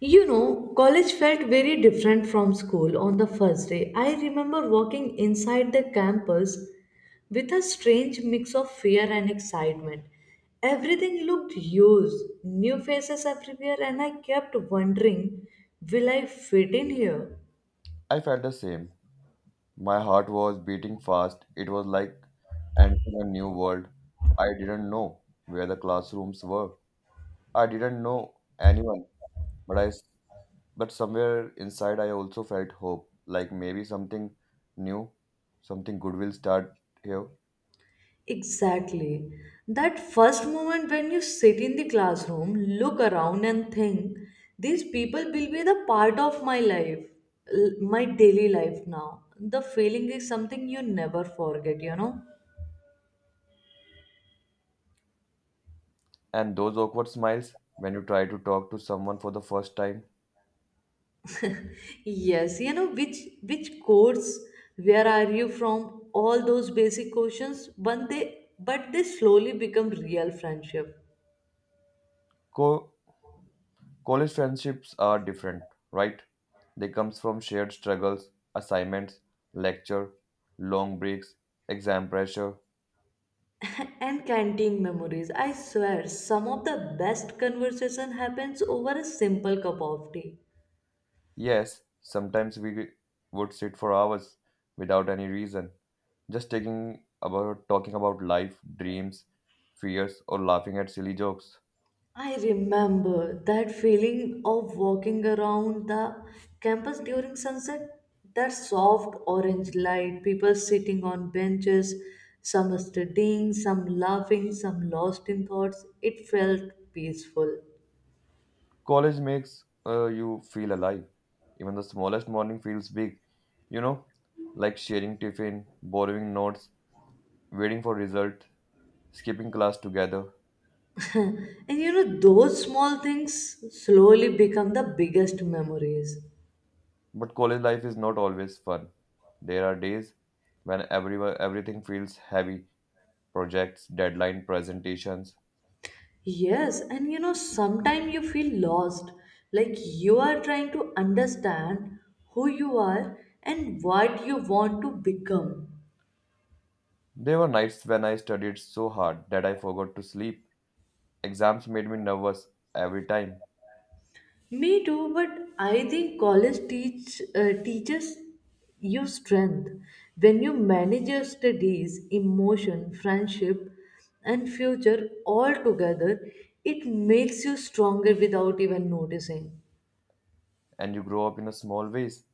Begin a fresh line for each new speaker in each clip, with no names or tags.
You know, college felt very different from school on the first day. I remember walking inside the campus with a strange mix of fear and excitement. Everything looked huge, new faces everywhere, and I kept wondering, will I fit in here?
I felt the same. My heart was beating fast. It was like entering a new world. I didn't know where the classrooms were. I didn't know anyone, but I s- but somewhere inside I also felt hope, like maybe something new, something good will start here.
Exactly. That first moment when you sit in the classroom, look around, and think, these people will be the part of my life, my daily life now. The feeling is something you never forget, you know.
And those awkward smiles when you try to talk to someone for the first time.
Yes, you know which course, where are you from? All those basic questions, but they slowly become real friendship.
Co College friendships are different, right? They comes from shared struggles, assignments, lecture, long breaks, exam pressure.
And canteen memories. I swear, some of the best conversation happens over a simple cup of tea.
Yes, sometimes we would sit for hours without any reason, just taking about talking about life, dreams, fears, or laughing at silly jokes.
I remember that feeling of walking around the campus during sunset, that soft orange light, people sitting on benches, some studying, some laughing, some lost in thoughts. It felt peaceful.
College makes you feel alive. Even the smallest morning feels big, you know, like sharing tiffin, borrowing notes, waiting for result, skipping class together.
And you know, those small things slowly become the biggest memories.
But college life is not always fun. There are days when everything feels heavy projects, deadline presentations.
Yes, and you know, sometimes you feel lost, like you are trying to understand who you are and what you want to become.
There were nights when I studied so hard that I forgot to sleep. Exams made me nervous every time,
Me too, but I think college teaches you strength when you manage your studies, emotion, friendship, and future all together. It makes you stronger without even noticing,
and you grow up in a small ways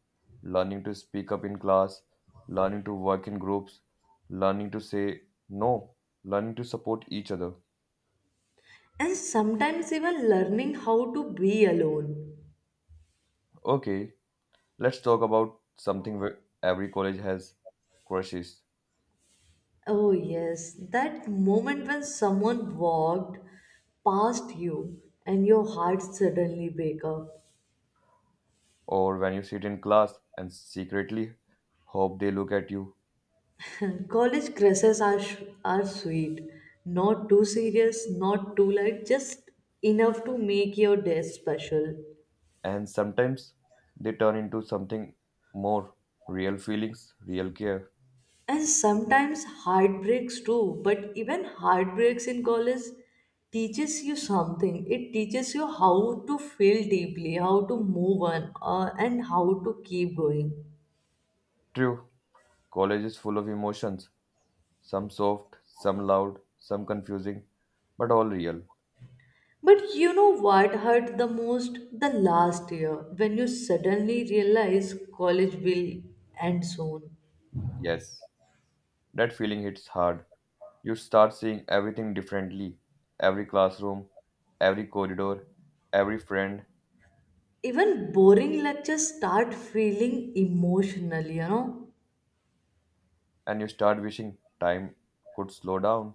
learning to speak up in class, learning to work in groups, learning to say no, learning to support each other.
and sometimes even learning how to be alone.
Okay, let's talk about something where every college has crushes
Oh, yes, that moment when someone walked past you and your heart suddenly wake up.
or when you sit in class and secretly hope they look at you.
College crushes are, are sweet, not too serious, not too light, just enough to make your day special.
And sometimes they turn into something more real feelings, real care.
And sometimes heartbreaks too, but even heartbreaks in college teaches you something. It teaches you how to feel deeply, how to move on, and how to keep going.
True, college is full of emotions some soft, some loud, some confusing, but all real.
But you know what hurt the most? The last year, when you suddenly realize college will end soon.
Yes, that feeling hits hard. You start seeing everything differently every classroom, every corridor, every friend,
Even boring lectures start feeling emotional, you know.
and you start wishing time could slow down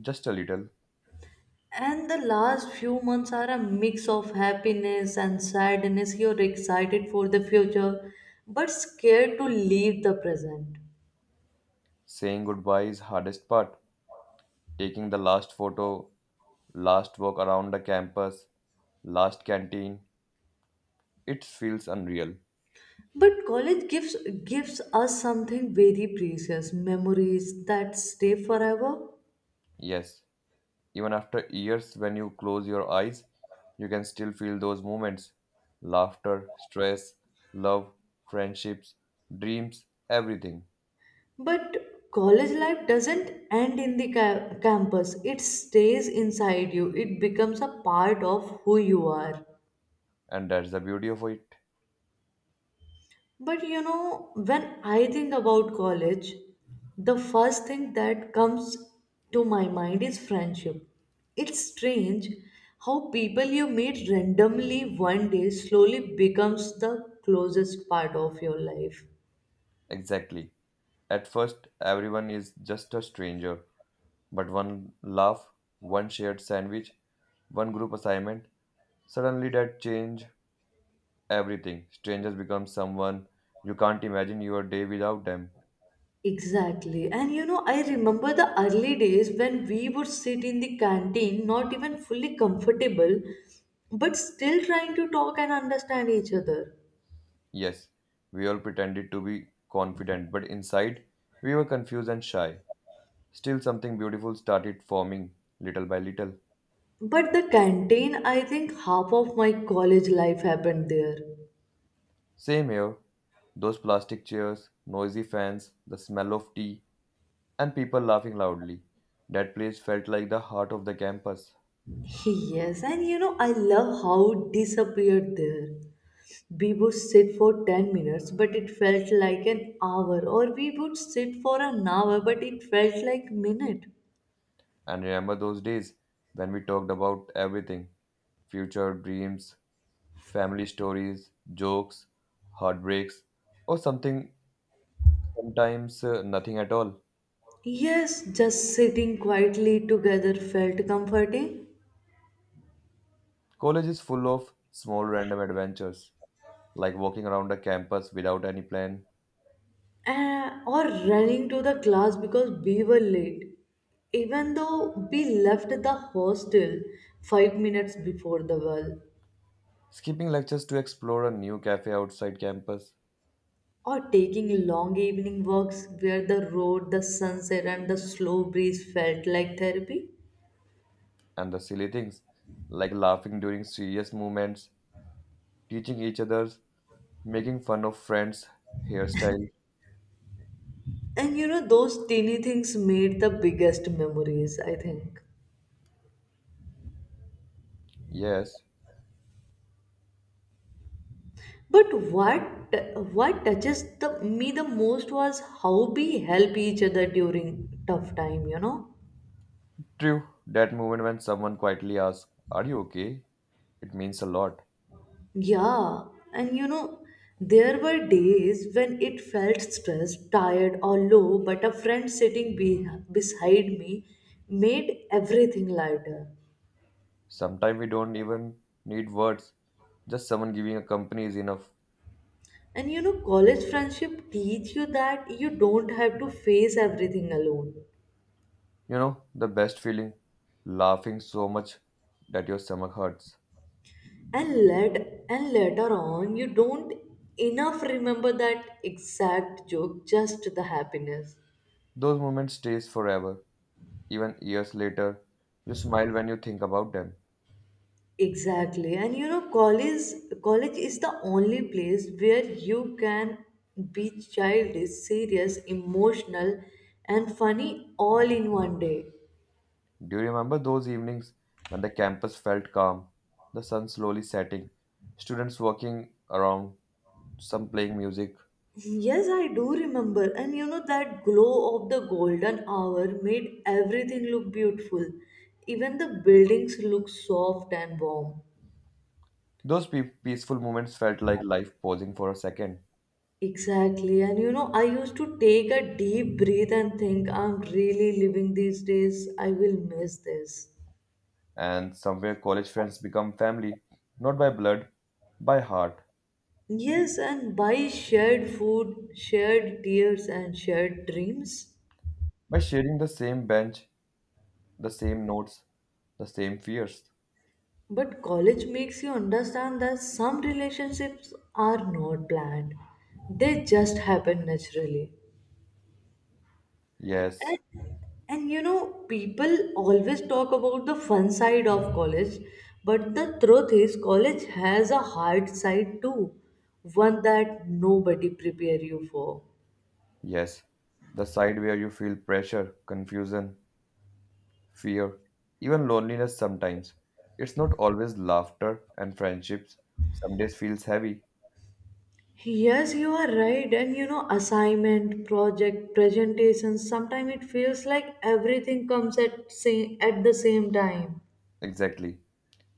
just a little.
And the last few months are a mix of happiness and sadness. You're excited for the future, but scared to leave the present.
Saying goodbye is hardest part. Taking the last photo, last walk around the campus, last canteen, it feels unreal.
But college gives us something very precious, memories that stay forever.
Yes, even after years when you close your eyes, you can still feel those moments. Laughter, stress, love, friendships, dreams, everything.
But college life doesn't end in the campus. It stays inside you. It becomes a part of who you are.
And that's the beauty of it.
But you know, when I think about college, the first thing that comes to my mind is friendship. It's strange how people you meet randomly one day slowly becomes the closest part of your life.
Exactly. At first, everyone is just a stranger, but one laugh, one shared sandwich, one group assignment, suddenly, that changed everything. Strangers become someone you can't imagine your day without them.
Exactly. And you know, I remember the early days when we would sit in the canteen, not even fully comfortable, but still trying to talk and understand each other.
Yes, we all pretended to be confident, but inside, we were confused and shy. Still, something beautiful started forming little by little.
But the canteen, I think half of my college life happened there.
Same here. Those plastic chairs, noisy fans, the smell of tea, and people laughing loudly. That place felt like the heart of the campus.
Yes, and you know, I love how it disappeared there. We would sit for 10 minutes, but it felt like an hour, or we would sit for an hour, but it felt like minute.
And remember those days when we talked about everything future, dreams, family stories, jokes, heartbreaks, or something sometimes nothing at all.
Yes, just sitting quietly together felt comforting,
College is full of small random adventures, like walking around a campus without any plan,
or running to the class because we were late, even though we left the hostel 5 minutes before the bell,
skipping lectures to explore a new cafe outside campus,
or taking long evening walks where the road, the sunset, and the slow breeze felt like therapy.
and the silly things like laughing during serious moments, teaching each others, making fun of friends' hairstyle.
And you know, those teeny things made the biggest memories, I think.
Yes,
But what touches the me the most was how we help each other during tough time, you know?
true, that moment when someone quietly asks, are you okay? It means a lot.
Yeah, and you know, there were days when it felt stressed, tired or low, but a friend sitting beside me made everything lighter.
Sometimes we don't even need words, just someone giving a company is enough.
And you know, college friendship teach you that you don't have to face everything alone.
You know, the best feeling, laughing so much that your stomach hurts.
And let and later on you don't enough remember that exact joke, just the happiness.
Those moments stays forever, even years later. You smile when you think about them.
Exactly. And you know, college is the only place where you can be childish, serious, emotional, and funny all in one day.
Do you remember those evenings when the campus felt calm, the sun slowly setting, students walking around, some playing music?
Yes, I do remember. And you know, that glow of the golden hour made everything look beautiful, even the buildings look soft and warm.
Those peaceful moments felt like life pausing for a second.
Exactly. And you know, I used to take a deep breath and think, I'm really living these days. I will miss this.
And somewhere college friends become family, not by blood, by heart,
Yes, and buy shared food, shared tears, and shared dreams.
by sharing the same bench, the same notes, the same fears.
But college makes you understand that some relationships are not planned, they just happen naturally.
Yes,
And you know, people always talk about the fun side of college, but the truth is, college has a hard side too, one that nobody prepare you for.
yes, the side where you feel pressure, confusion, fear, even loneliness sometimes. It's not always laughter and friendships. Some days feels heavy.
Yes, you are right. And you know, assignment, project, presentation, sometimes it feels like everything comes at the same time.
Exactly.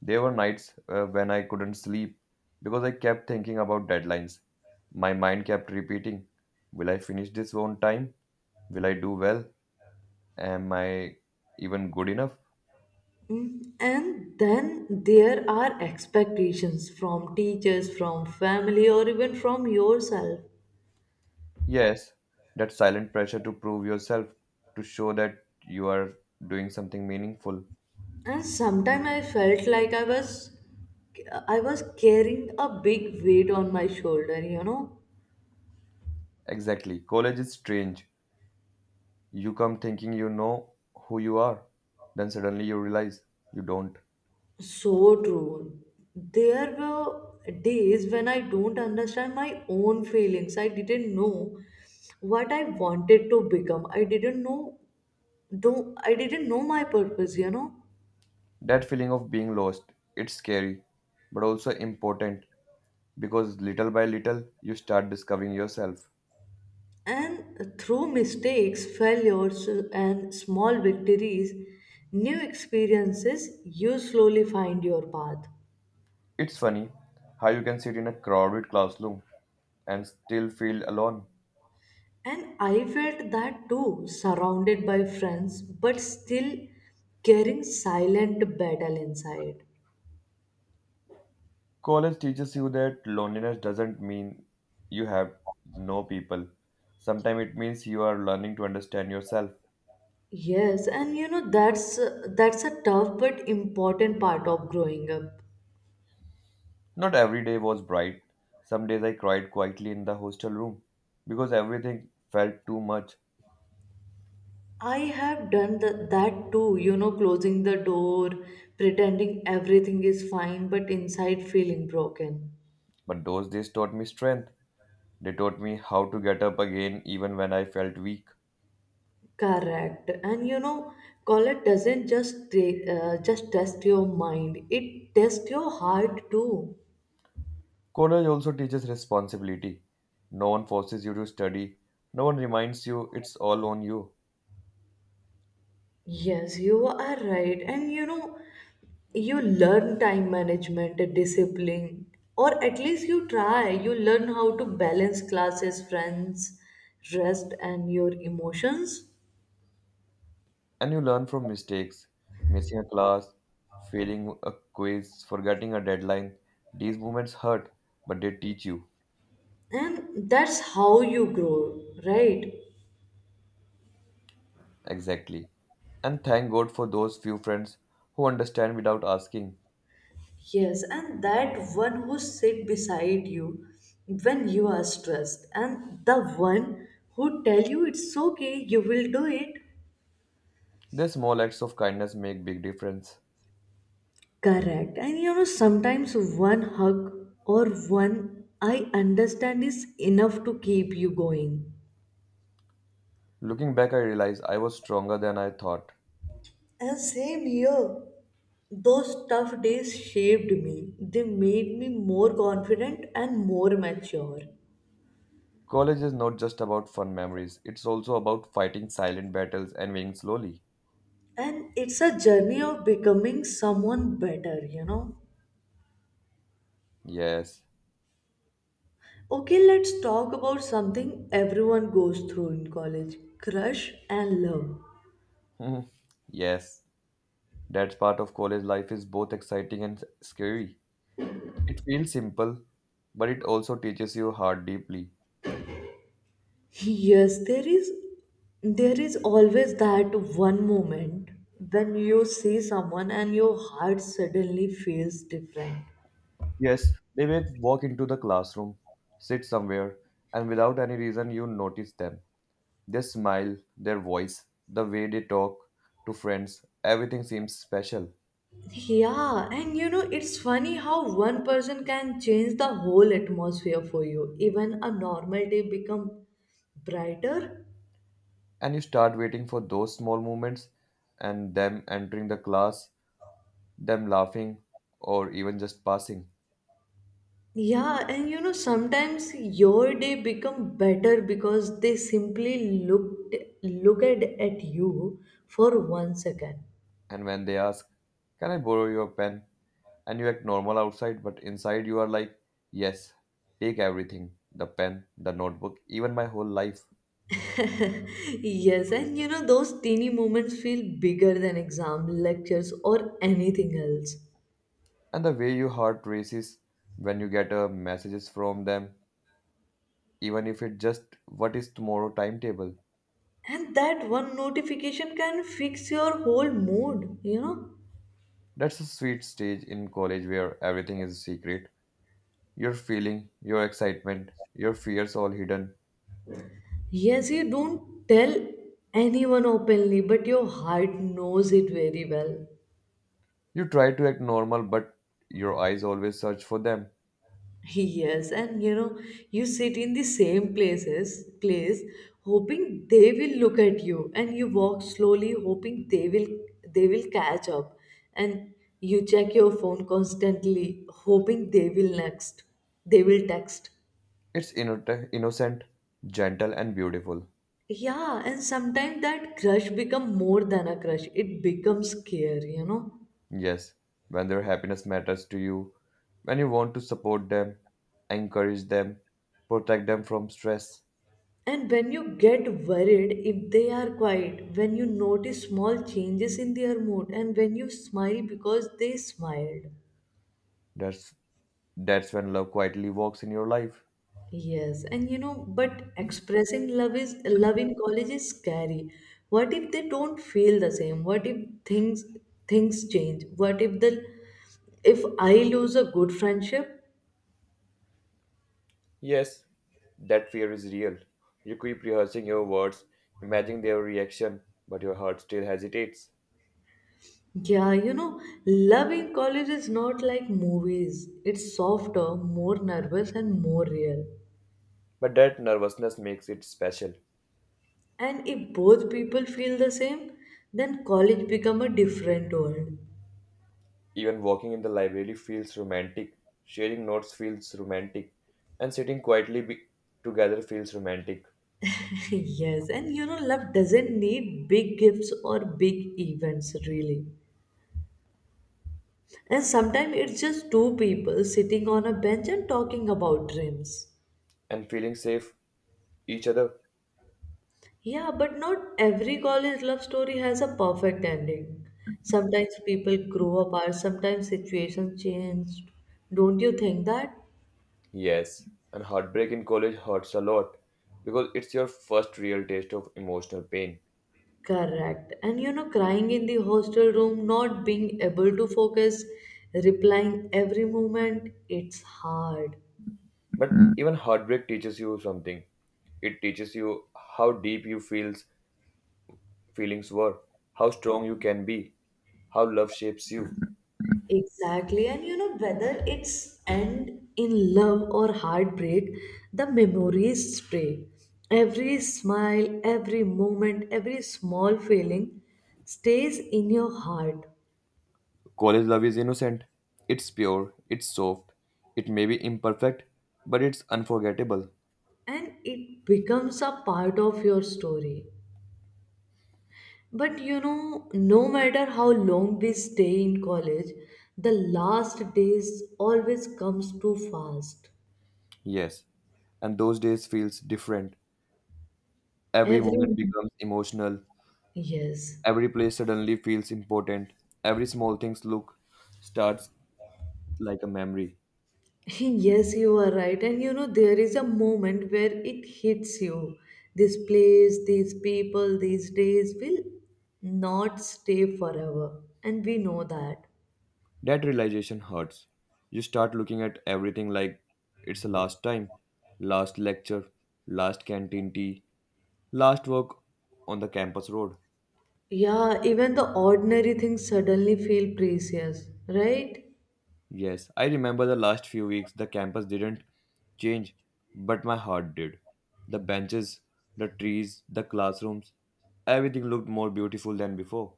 There were nights when I couldn't sleep because I kept thinking about deadlines. My mind kept repeating, will I finish this on time? Will I do well? Am I even good enough?
Mm, and then there are expectations from teachers, from family, or even from yourself.
Yes, that silent pressure to prove yourself, to show that you are doing something meaningful.
And sometimes I felt like I was carrying a big weight on my shoulder, you know.
Exactly. College is strange. You come thinking you know who you are, then suddenly you realize you don't.
So true. There were days when I don't understand my own feelings. I didn't know what I wanted to become. I didn't know do I didn't know my purpose, you know.
That feeling of being lost, it's scary, but also important because little by little you start discovering yourself.
And through mistakes, failures, and small victories, new experiences, you slowly find your path.
It's funny how you can sit in a crowded classroom and still feel alone.
And I felt that too, surrounded by friends, but still carrying silent battle inside.
College teaches you that loneliness doesn't mean you have no people. Sometimes it means you are learning to understand yourself.
Yes, and you know that's a tough but important part of growing up.
Not every day was bright. Some days I cried quietly in the hostel room because everything felt too much.
I have done that too, you know, closing the door, pretending everything is fine, but inside feeling broken.
But those days taught me strength. They taught me how to get up again even when I felt weak.
Correct. And you know, color doesn't just just test your mind; it tests your heart too.
College also teaches responsibility. No one forces you to study, no one reminds you it's all on you.
Yes, you are right. And you know, you learn time management, discipline, or at least you try. You learn how to balance classes, friends, rest, and your emotions.
And you learn from mistakes, missing a class, failing a quiz, forgetting a deadline. These moments hurt, but they teach you.
And that's how you grow, right?
Exactly. And thank God for those few friends who understand without asking.
Yes, and that one who sit beside you when you are stressed, and the one who tell you it's okay, you will do it.
Their small acts of kindness make big difference.
Correct. And you know, sometimes one hug or one I understand is enough to keep you going.
Looking back, I realize I was stronger than I thought.
And same here. Those tough days shaped me. They made me more confident and more mature.
College is not just about fun memories, it's also about fighting silent battles and winning slowly.
And it's a journey of becoming someone better, you know.
Yes.
Okay, let's talk about something everyone goes through in college crush and love.
Yes. That part of college life is both exciting and scary. It feels simple, but it also teaches you hard deeply.
Yes, there is always that one moment when you see someone and your heart suddenly feels different.
Yes, they may walk into the classroom, sit somewhere, and without any reason you notice them. Their smile, their voice, the way they talk to friends, everything seems special.
Yeah, and you know it's funny how one person can change the whole atmosphere for you. Even a normal day become brighter.
And you start waiting for those small moments and them entering the class, them laughing, or even just passing.
Yeah, and you know sometimes your day become better because they simply look at you for 1 second.
And when they ask, can I borrow your pen? And you act normal outside, but inside you are like, yes, take everything the pen, the notebook, even my whole life.
Yes, and you know, those teeny moments feel bigger than exam, lectures, or anything else.
And the way your heart races when you get messages from them, even if it just what is tomorrow timetable.
And that one notification can fix your whole mood, you know?
That's a sweet stage in college where everything is a secret. Your feeling, your excitement, your fears all hidden.
Yes, you don't tell anyone openly, but your heart knows it very well.
You try to act normal, but your eyes always search for them.
Yes, and you know, you sit in the same place, hoping they will look at you, and you walk slowly, hoping they will catch up, and you check your phone constantly, hoping they will text.
It's innocent, gentle, and beautiful.
Yeah, and sometimes that crush become more than a crush. It becomes care, you know.
Yes, when their happiness matters to you, when you want to support them, encourage them, protect them from stress,
And when you get worried if they are quiet, when you notice small changes in their mood, and when you smile because they smiled.
that's that's when love quietly walks in your life.
Yes, and you know, but expressing love is love in college is scary. What if they don't feel the same? What if things change? What if the if I lose a good friendship?
Yes, that fear is real. You keep rehearsing your words, imagining their reaction, but your heart still hesitates.
Yeah, you know, love in college is not like movies. It's softer, more nervous, and more real.
But that nervousness makes it special.
And if both people feel the same, then college become a different world.
Even walking in the library feels romantic, sharing notes feels romantic, and sitting quietly together feels romantic,
Yes, and you know love doesn't need big gifts or big events really. And sometimes it's just two people sitting on a bench and talking about dreams.
and feeling safe each other.
Yeah, but not every college love story has a perfect ending. Sometimes people grow apart, sometimes situations change. Don't you think that?
Yes, and heartbreak in college hurts a lot because it's your first real taste of emotional pain.
Correct. And you know, crying in the hostel room, not being able to focus, replying every moment, it's hard.
But even heartbreak teaches you something. It teaches you how deep you feels feelings were, how strong you can be, how love shapes you.
Exactly. And you know, whether it's end in love or heartbreak, the memories stay. Every smile, every moment, every small feeling stays in your heart,
College love is innocent. It's pure, it's soft. It may be imperfect, but it's unforgettable.
and it becomes a part of your story. But you know, no matter how long we stay in college, the last days always comes too fast.
Yes, and those days feels different. Every moment
Every
becomes emotional.
yes,
Every place suddenly feels important. Every small thing's look starts like a memory.
yes, you are right. And you know, there is a moment where it hits you. This place, these people, these days will not stay forever, and we know that.
That realization hurts. You start looking at everything like it's the last time, last lecture, last canteen tea, last walk on the campus road.
Yeah, even the ordinary things suddenly feel precious, right?
Yes, I remember the last few weeks the campus didn't change, but my heart did. The benches, the trees, the classrooms, everything looked more beautiful than before.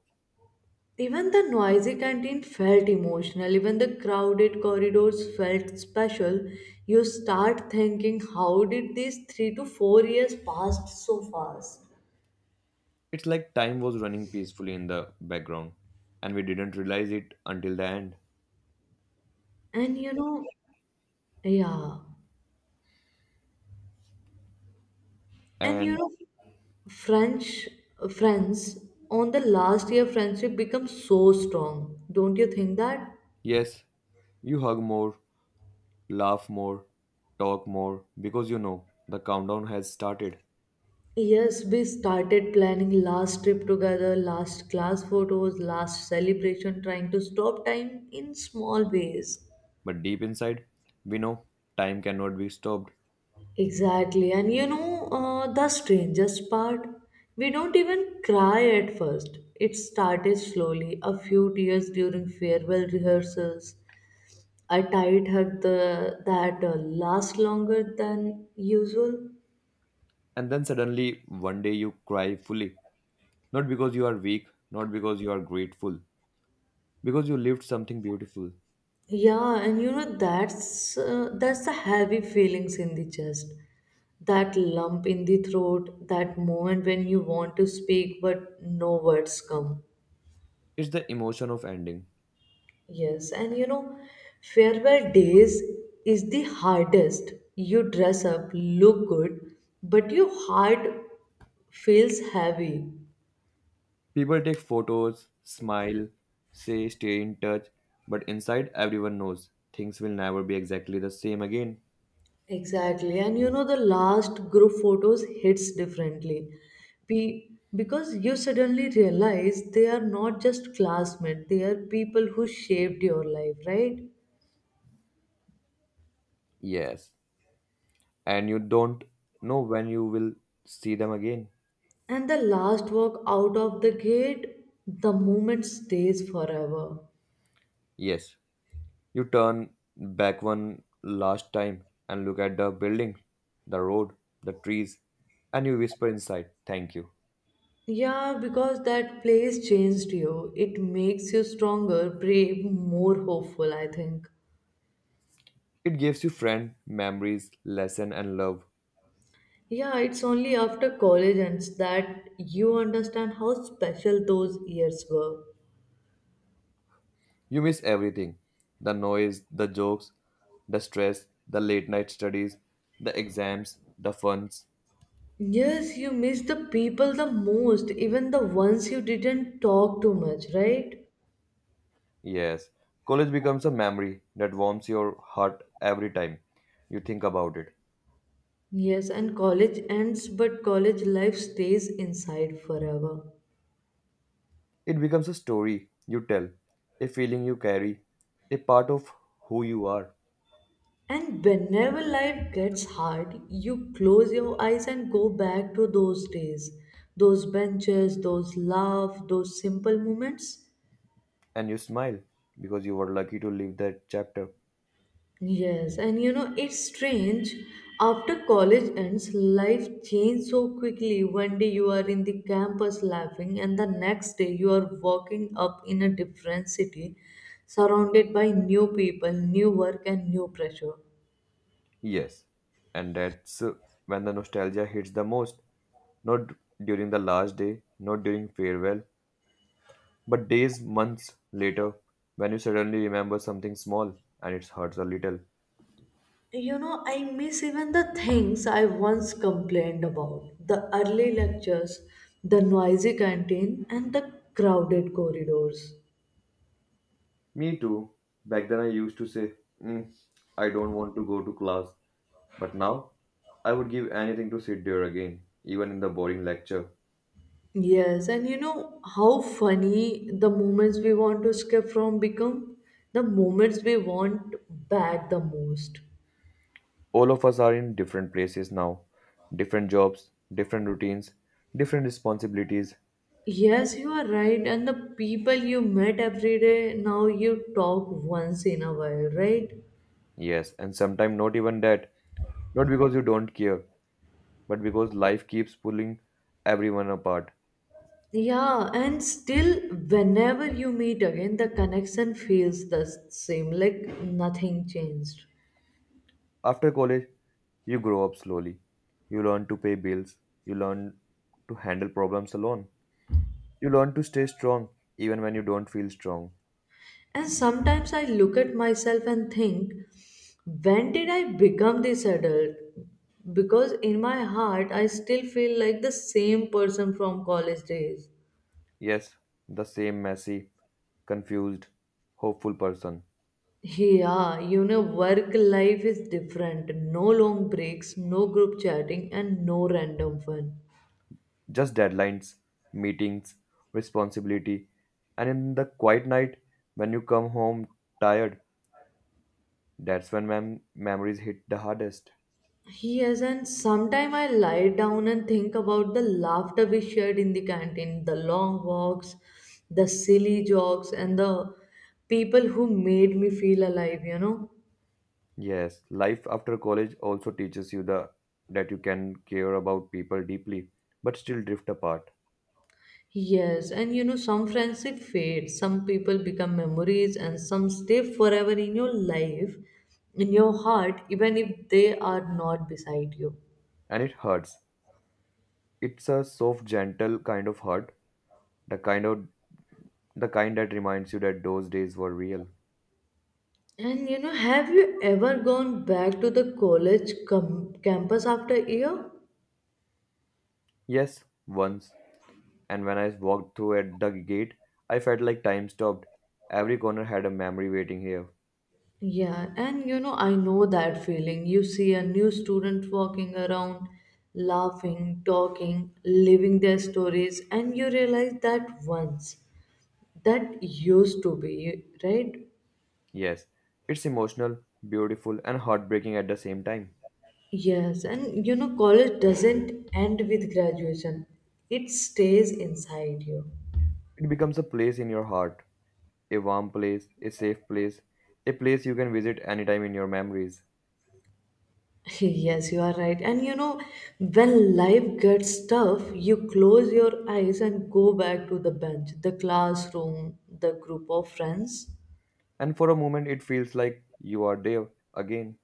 Even the noisy canteen felt emotional, even the crowded corridors felt special. You start thinking, how did these 3 to 4 years pass so fast?
It's like time was running peacefully in the background, and we didn't realize it until the end.
And you know, yeah, and you
And
know, French friends on the last year friendship becomes so strong. Don't you think that?
yes, you hug more, laugh more, talk more, because you know the countdown has started.
Yes, we started planning last trip together, last class photos, last celebration, trying to stop time in small ways.
But deep inside, we know time cannot be stopped.
Exactly. And you know, the strangest part, we don't even cry at first. It started slowly, a few tears during farewell rehearsals, a tight hug that lasts longer than usual.
And then suddenly, one day you cry fully. Not because you are weak, not because you are grateful, because you lived something beautiful.
Yeah, and that's the heavy feelings in the chest. That lump in the throat, that moment when you want to speak but no words come.
It's the emotion of ending.
Yes, and farewell days is the hardest. You dress up, look good, but your heart feels heavy.
People take photos, smile, say stay in touch, but inside everyone knows things will never be exactly the same again.
Exactly, and the last group photos hits differently. P- because you suddenly realize they are not just classmates, they are people who shaped your life, right?
Yes. And you don't know when you will see them again.
And the last walk out of the gate, the moment stays forever.
Yes. You turn back one last time and look at the building, the road, the trees, and you whisper inside, thank you.
Yeah, because that place changed you. It makes you stronger, brave, more hopeful, I think.
It gives you friend, memories, lesson, and love.
Yeah, it's only after college ends that you understand how special those years were.
You miss everything the noise, the jokes, the stress, the late night studies, the exams, the funs.
Yes, you miss the people the most, even the ones you didn't talk too much, right?
Yes, college becomes a memory that warms your heart every time you think about it.
Yes, and college ends, but college life stays inside forever.
It becomes a story you tell, a feeling you carry, a part of who you are,
And whenever life gets hard, you close your eyes and go back to those days, those benches, those laughs, those simple moments.
and you smile because you were lucky to live that chapter.
Yes, and it's strange. After college ends, life changes so quickly. One day you are in the campus laughing, and the next day you are walking up in a different city, surrounded by new people, new work, and new pressure.
Yes, and that's when the nostalgia hits the most. Not during the last day, not during farewell, but days, months later, when you suddenly remember something small and it hurts a little.
I miss even the things I once complained about the early lectures, the noisy canteen, and the crowded corridors.
Me too. Back then, I used to say, "Mm, I don't want to go to class." But now, I would give anything to sit there again, even in the boring lecture.
Yes, and you know how funny the moments we want to escape from become? The moments we want back the most.
All of us are in different places now, different jobs, different routines, different responsibilities.
Yes, you are right, and the people you met every day now you talk once in a while, right?
Yes, and sometimes not even that. Not because you don't care, but because life keeps pulling everyone apart.
Yeah, and still, whenever you meet again, the connection feels the same, like nothing changed.
After college, you grow up slowly. You learn to pay bills. You learn to handle problems alone. You learn to stay strong even when you don't feel strong.
And sometimes I look at myself and think, when did I become this adult? Because in my heart, I still feel like the same person from college days.
Yes, the same messy, confused, hopeful person.
Yeah, work life is different. No long breaks, no group chatting, and no random fun.
Just deadlines, meetings, responsibility. And in the quiet night, when you come home tired, that's when memories hit the hardest.
He has, and sometime I lie down and think about the laughter we shared in the canteen, the long walks, the silly jokes, and the people who made me feel alive.
Yes, life after college also teaches you the that you can care about people deeply, but still drift apart.
Yes, and some friendship fade, some people become memories, and some stay forever in your life, in your heart, even if they are not beside you.
And it hurts. It's a soft, gentle kind of hurt, the kind of the kind that reminds you that those days were real.
And have you ever gone back to the college campus after a year?
Yes, once. And when I walked through at the gate, I felt like time stopped. Every corner had a memory waiting here.
Yeah, and I know that feeling. You see a new student walking around, laughing, talking, living their stories, and you realize that once that used to be, right?
Yes, it's emotional, beautiful, and heartbreaking at the same time.
Yes, and college doesn't end with graduation, it stays inside you.
It becomes a place in your heart a warm place, a safe place, a place you can visit anytime in your memories.
Yes, you are right. And when life gets tough, you close your eyes and go back to the bench, the classroom, the group of friends.
And for a moment, it feels like you are there again.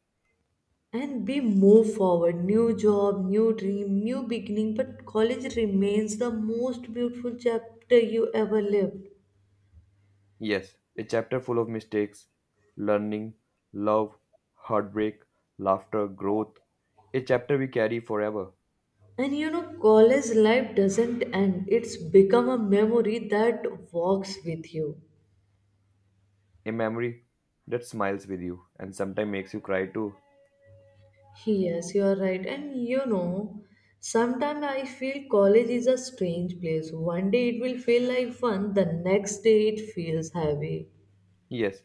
And we move forward, new job, new dream, new beginning, but college remains the most beautiful chapter you ever lived.
Yes, a chapter full of mistakes, learning, love, heartbreak, laughter, growth. A chapter we carry forever.
And college life doesn't end, it's become a memory that walks with you.
A memory that smiles with you and sometimes makes you cry too.
Yes, you are right. And sometimes I feel college is a strange place, one day it will feel like fun, the next day it feels heavy.
Yes,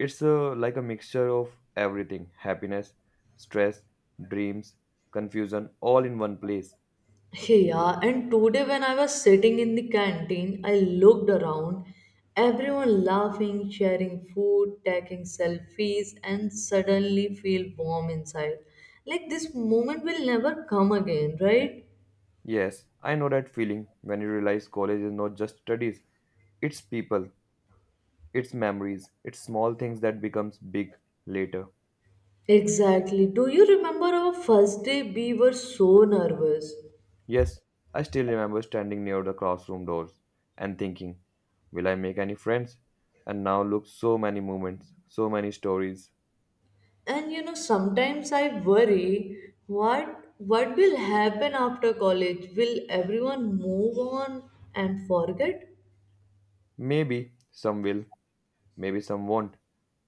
it's like a mixture of everything happiness, stress, dreams, confusion, all in one place.
Yeah, and today when I was sitting in the canteen, I looked around, everyone laughing, sharing food, taking selfies, and suddenly feel warm inside. Like this moment will never come again, right?
Yes, I know that feeling when you realize college is not just studies, it's people, it's memories, it's small things that becomes big later.
Exactly. Do you remember our first day? We were so nervous.
Yes, I still remember standing near the classroom doors and thinking, will I make any friends? And now look so many moments, so many stories.
And sometimes I worry what will happen after college? Will everyone move on and forget?
Maybe some will, maybe some won't,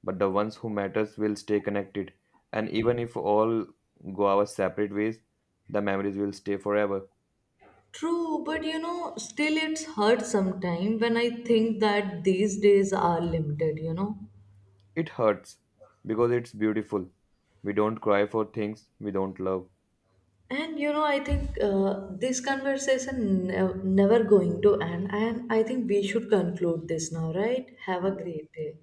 but the ones who matters will stay connected. And even if all go our separate ways, the memories will stay forever.
True, but still it's hurt sometime when I think that these days are limited.
It hurts because it's beautiful. We don't cry for things we don't love.
And I think this conversation never going to end, and I think we should conclude this now, right? Have a great day.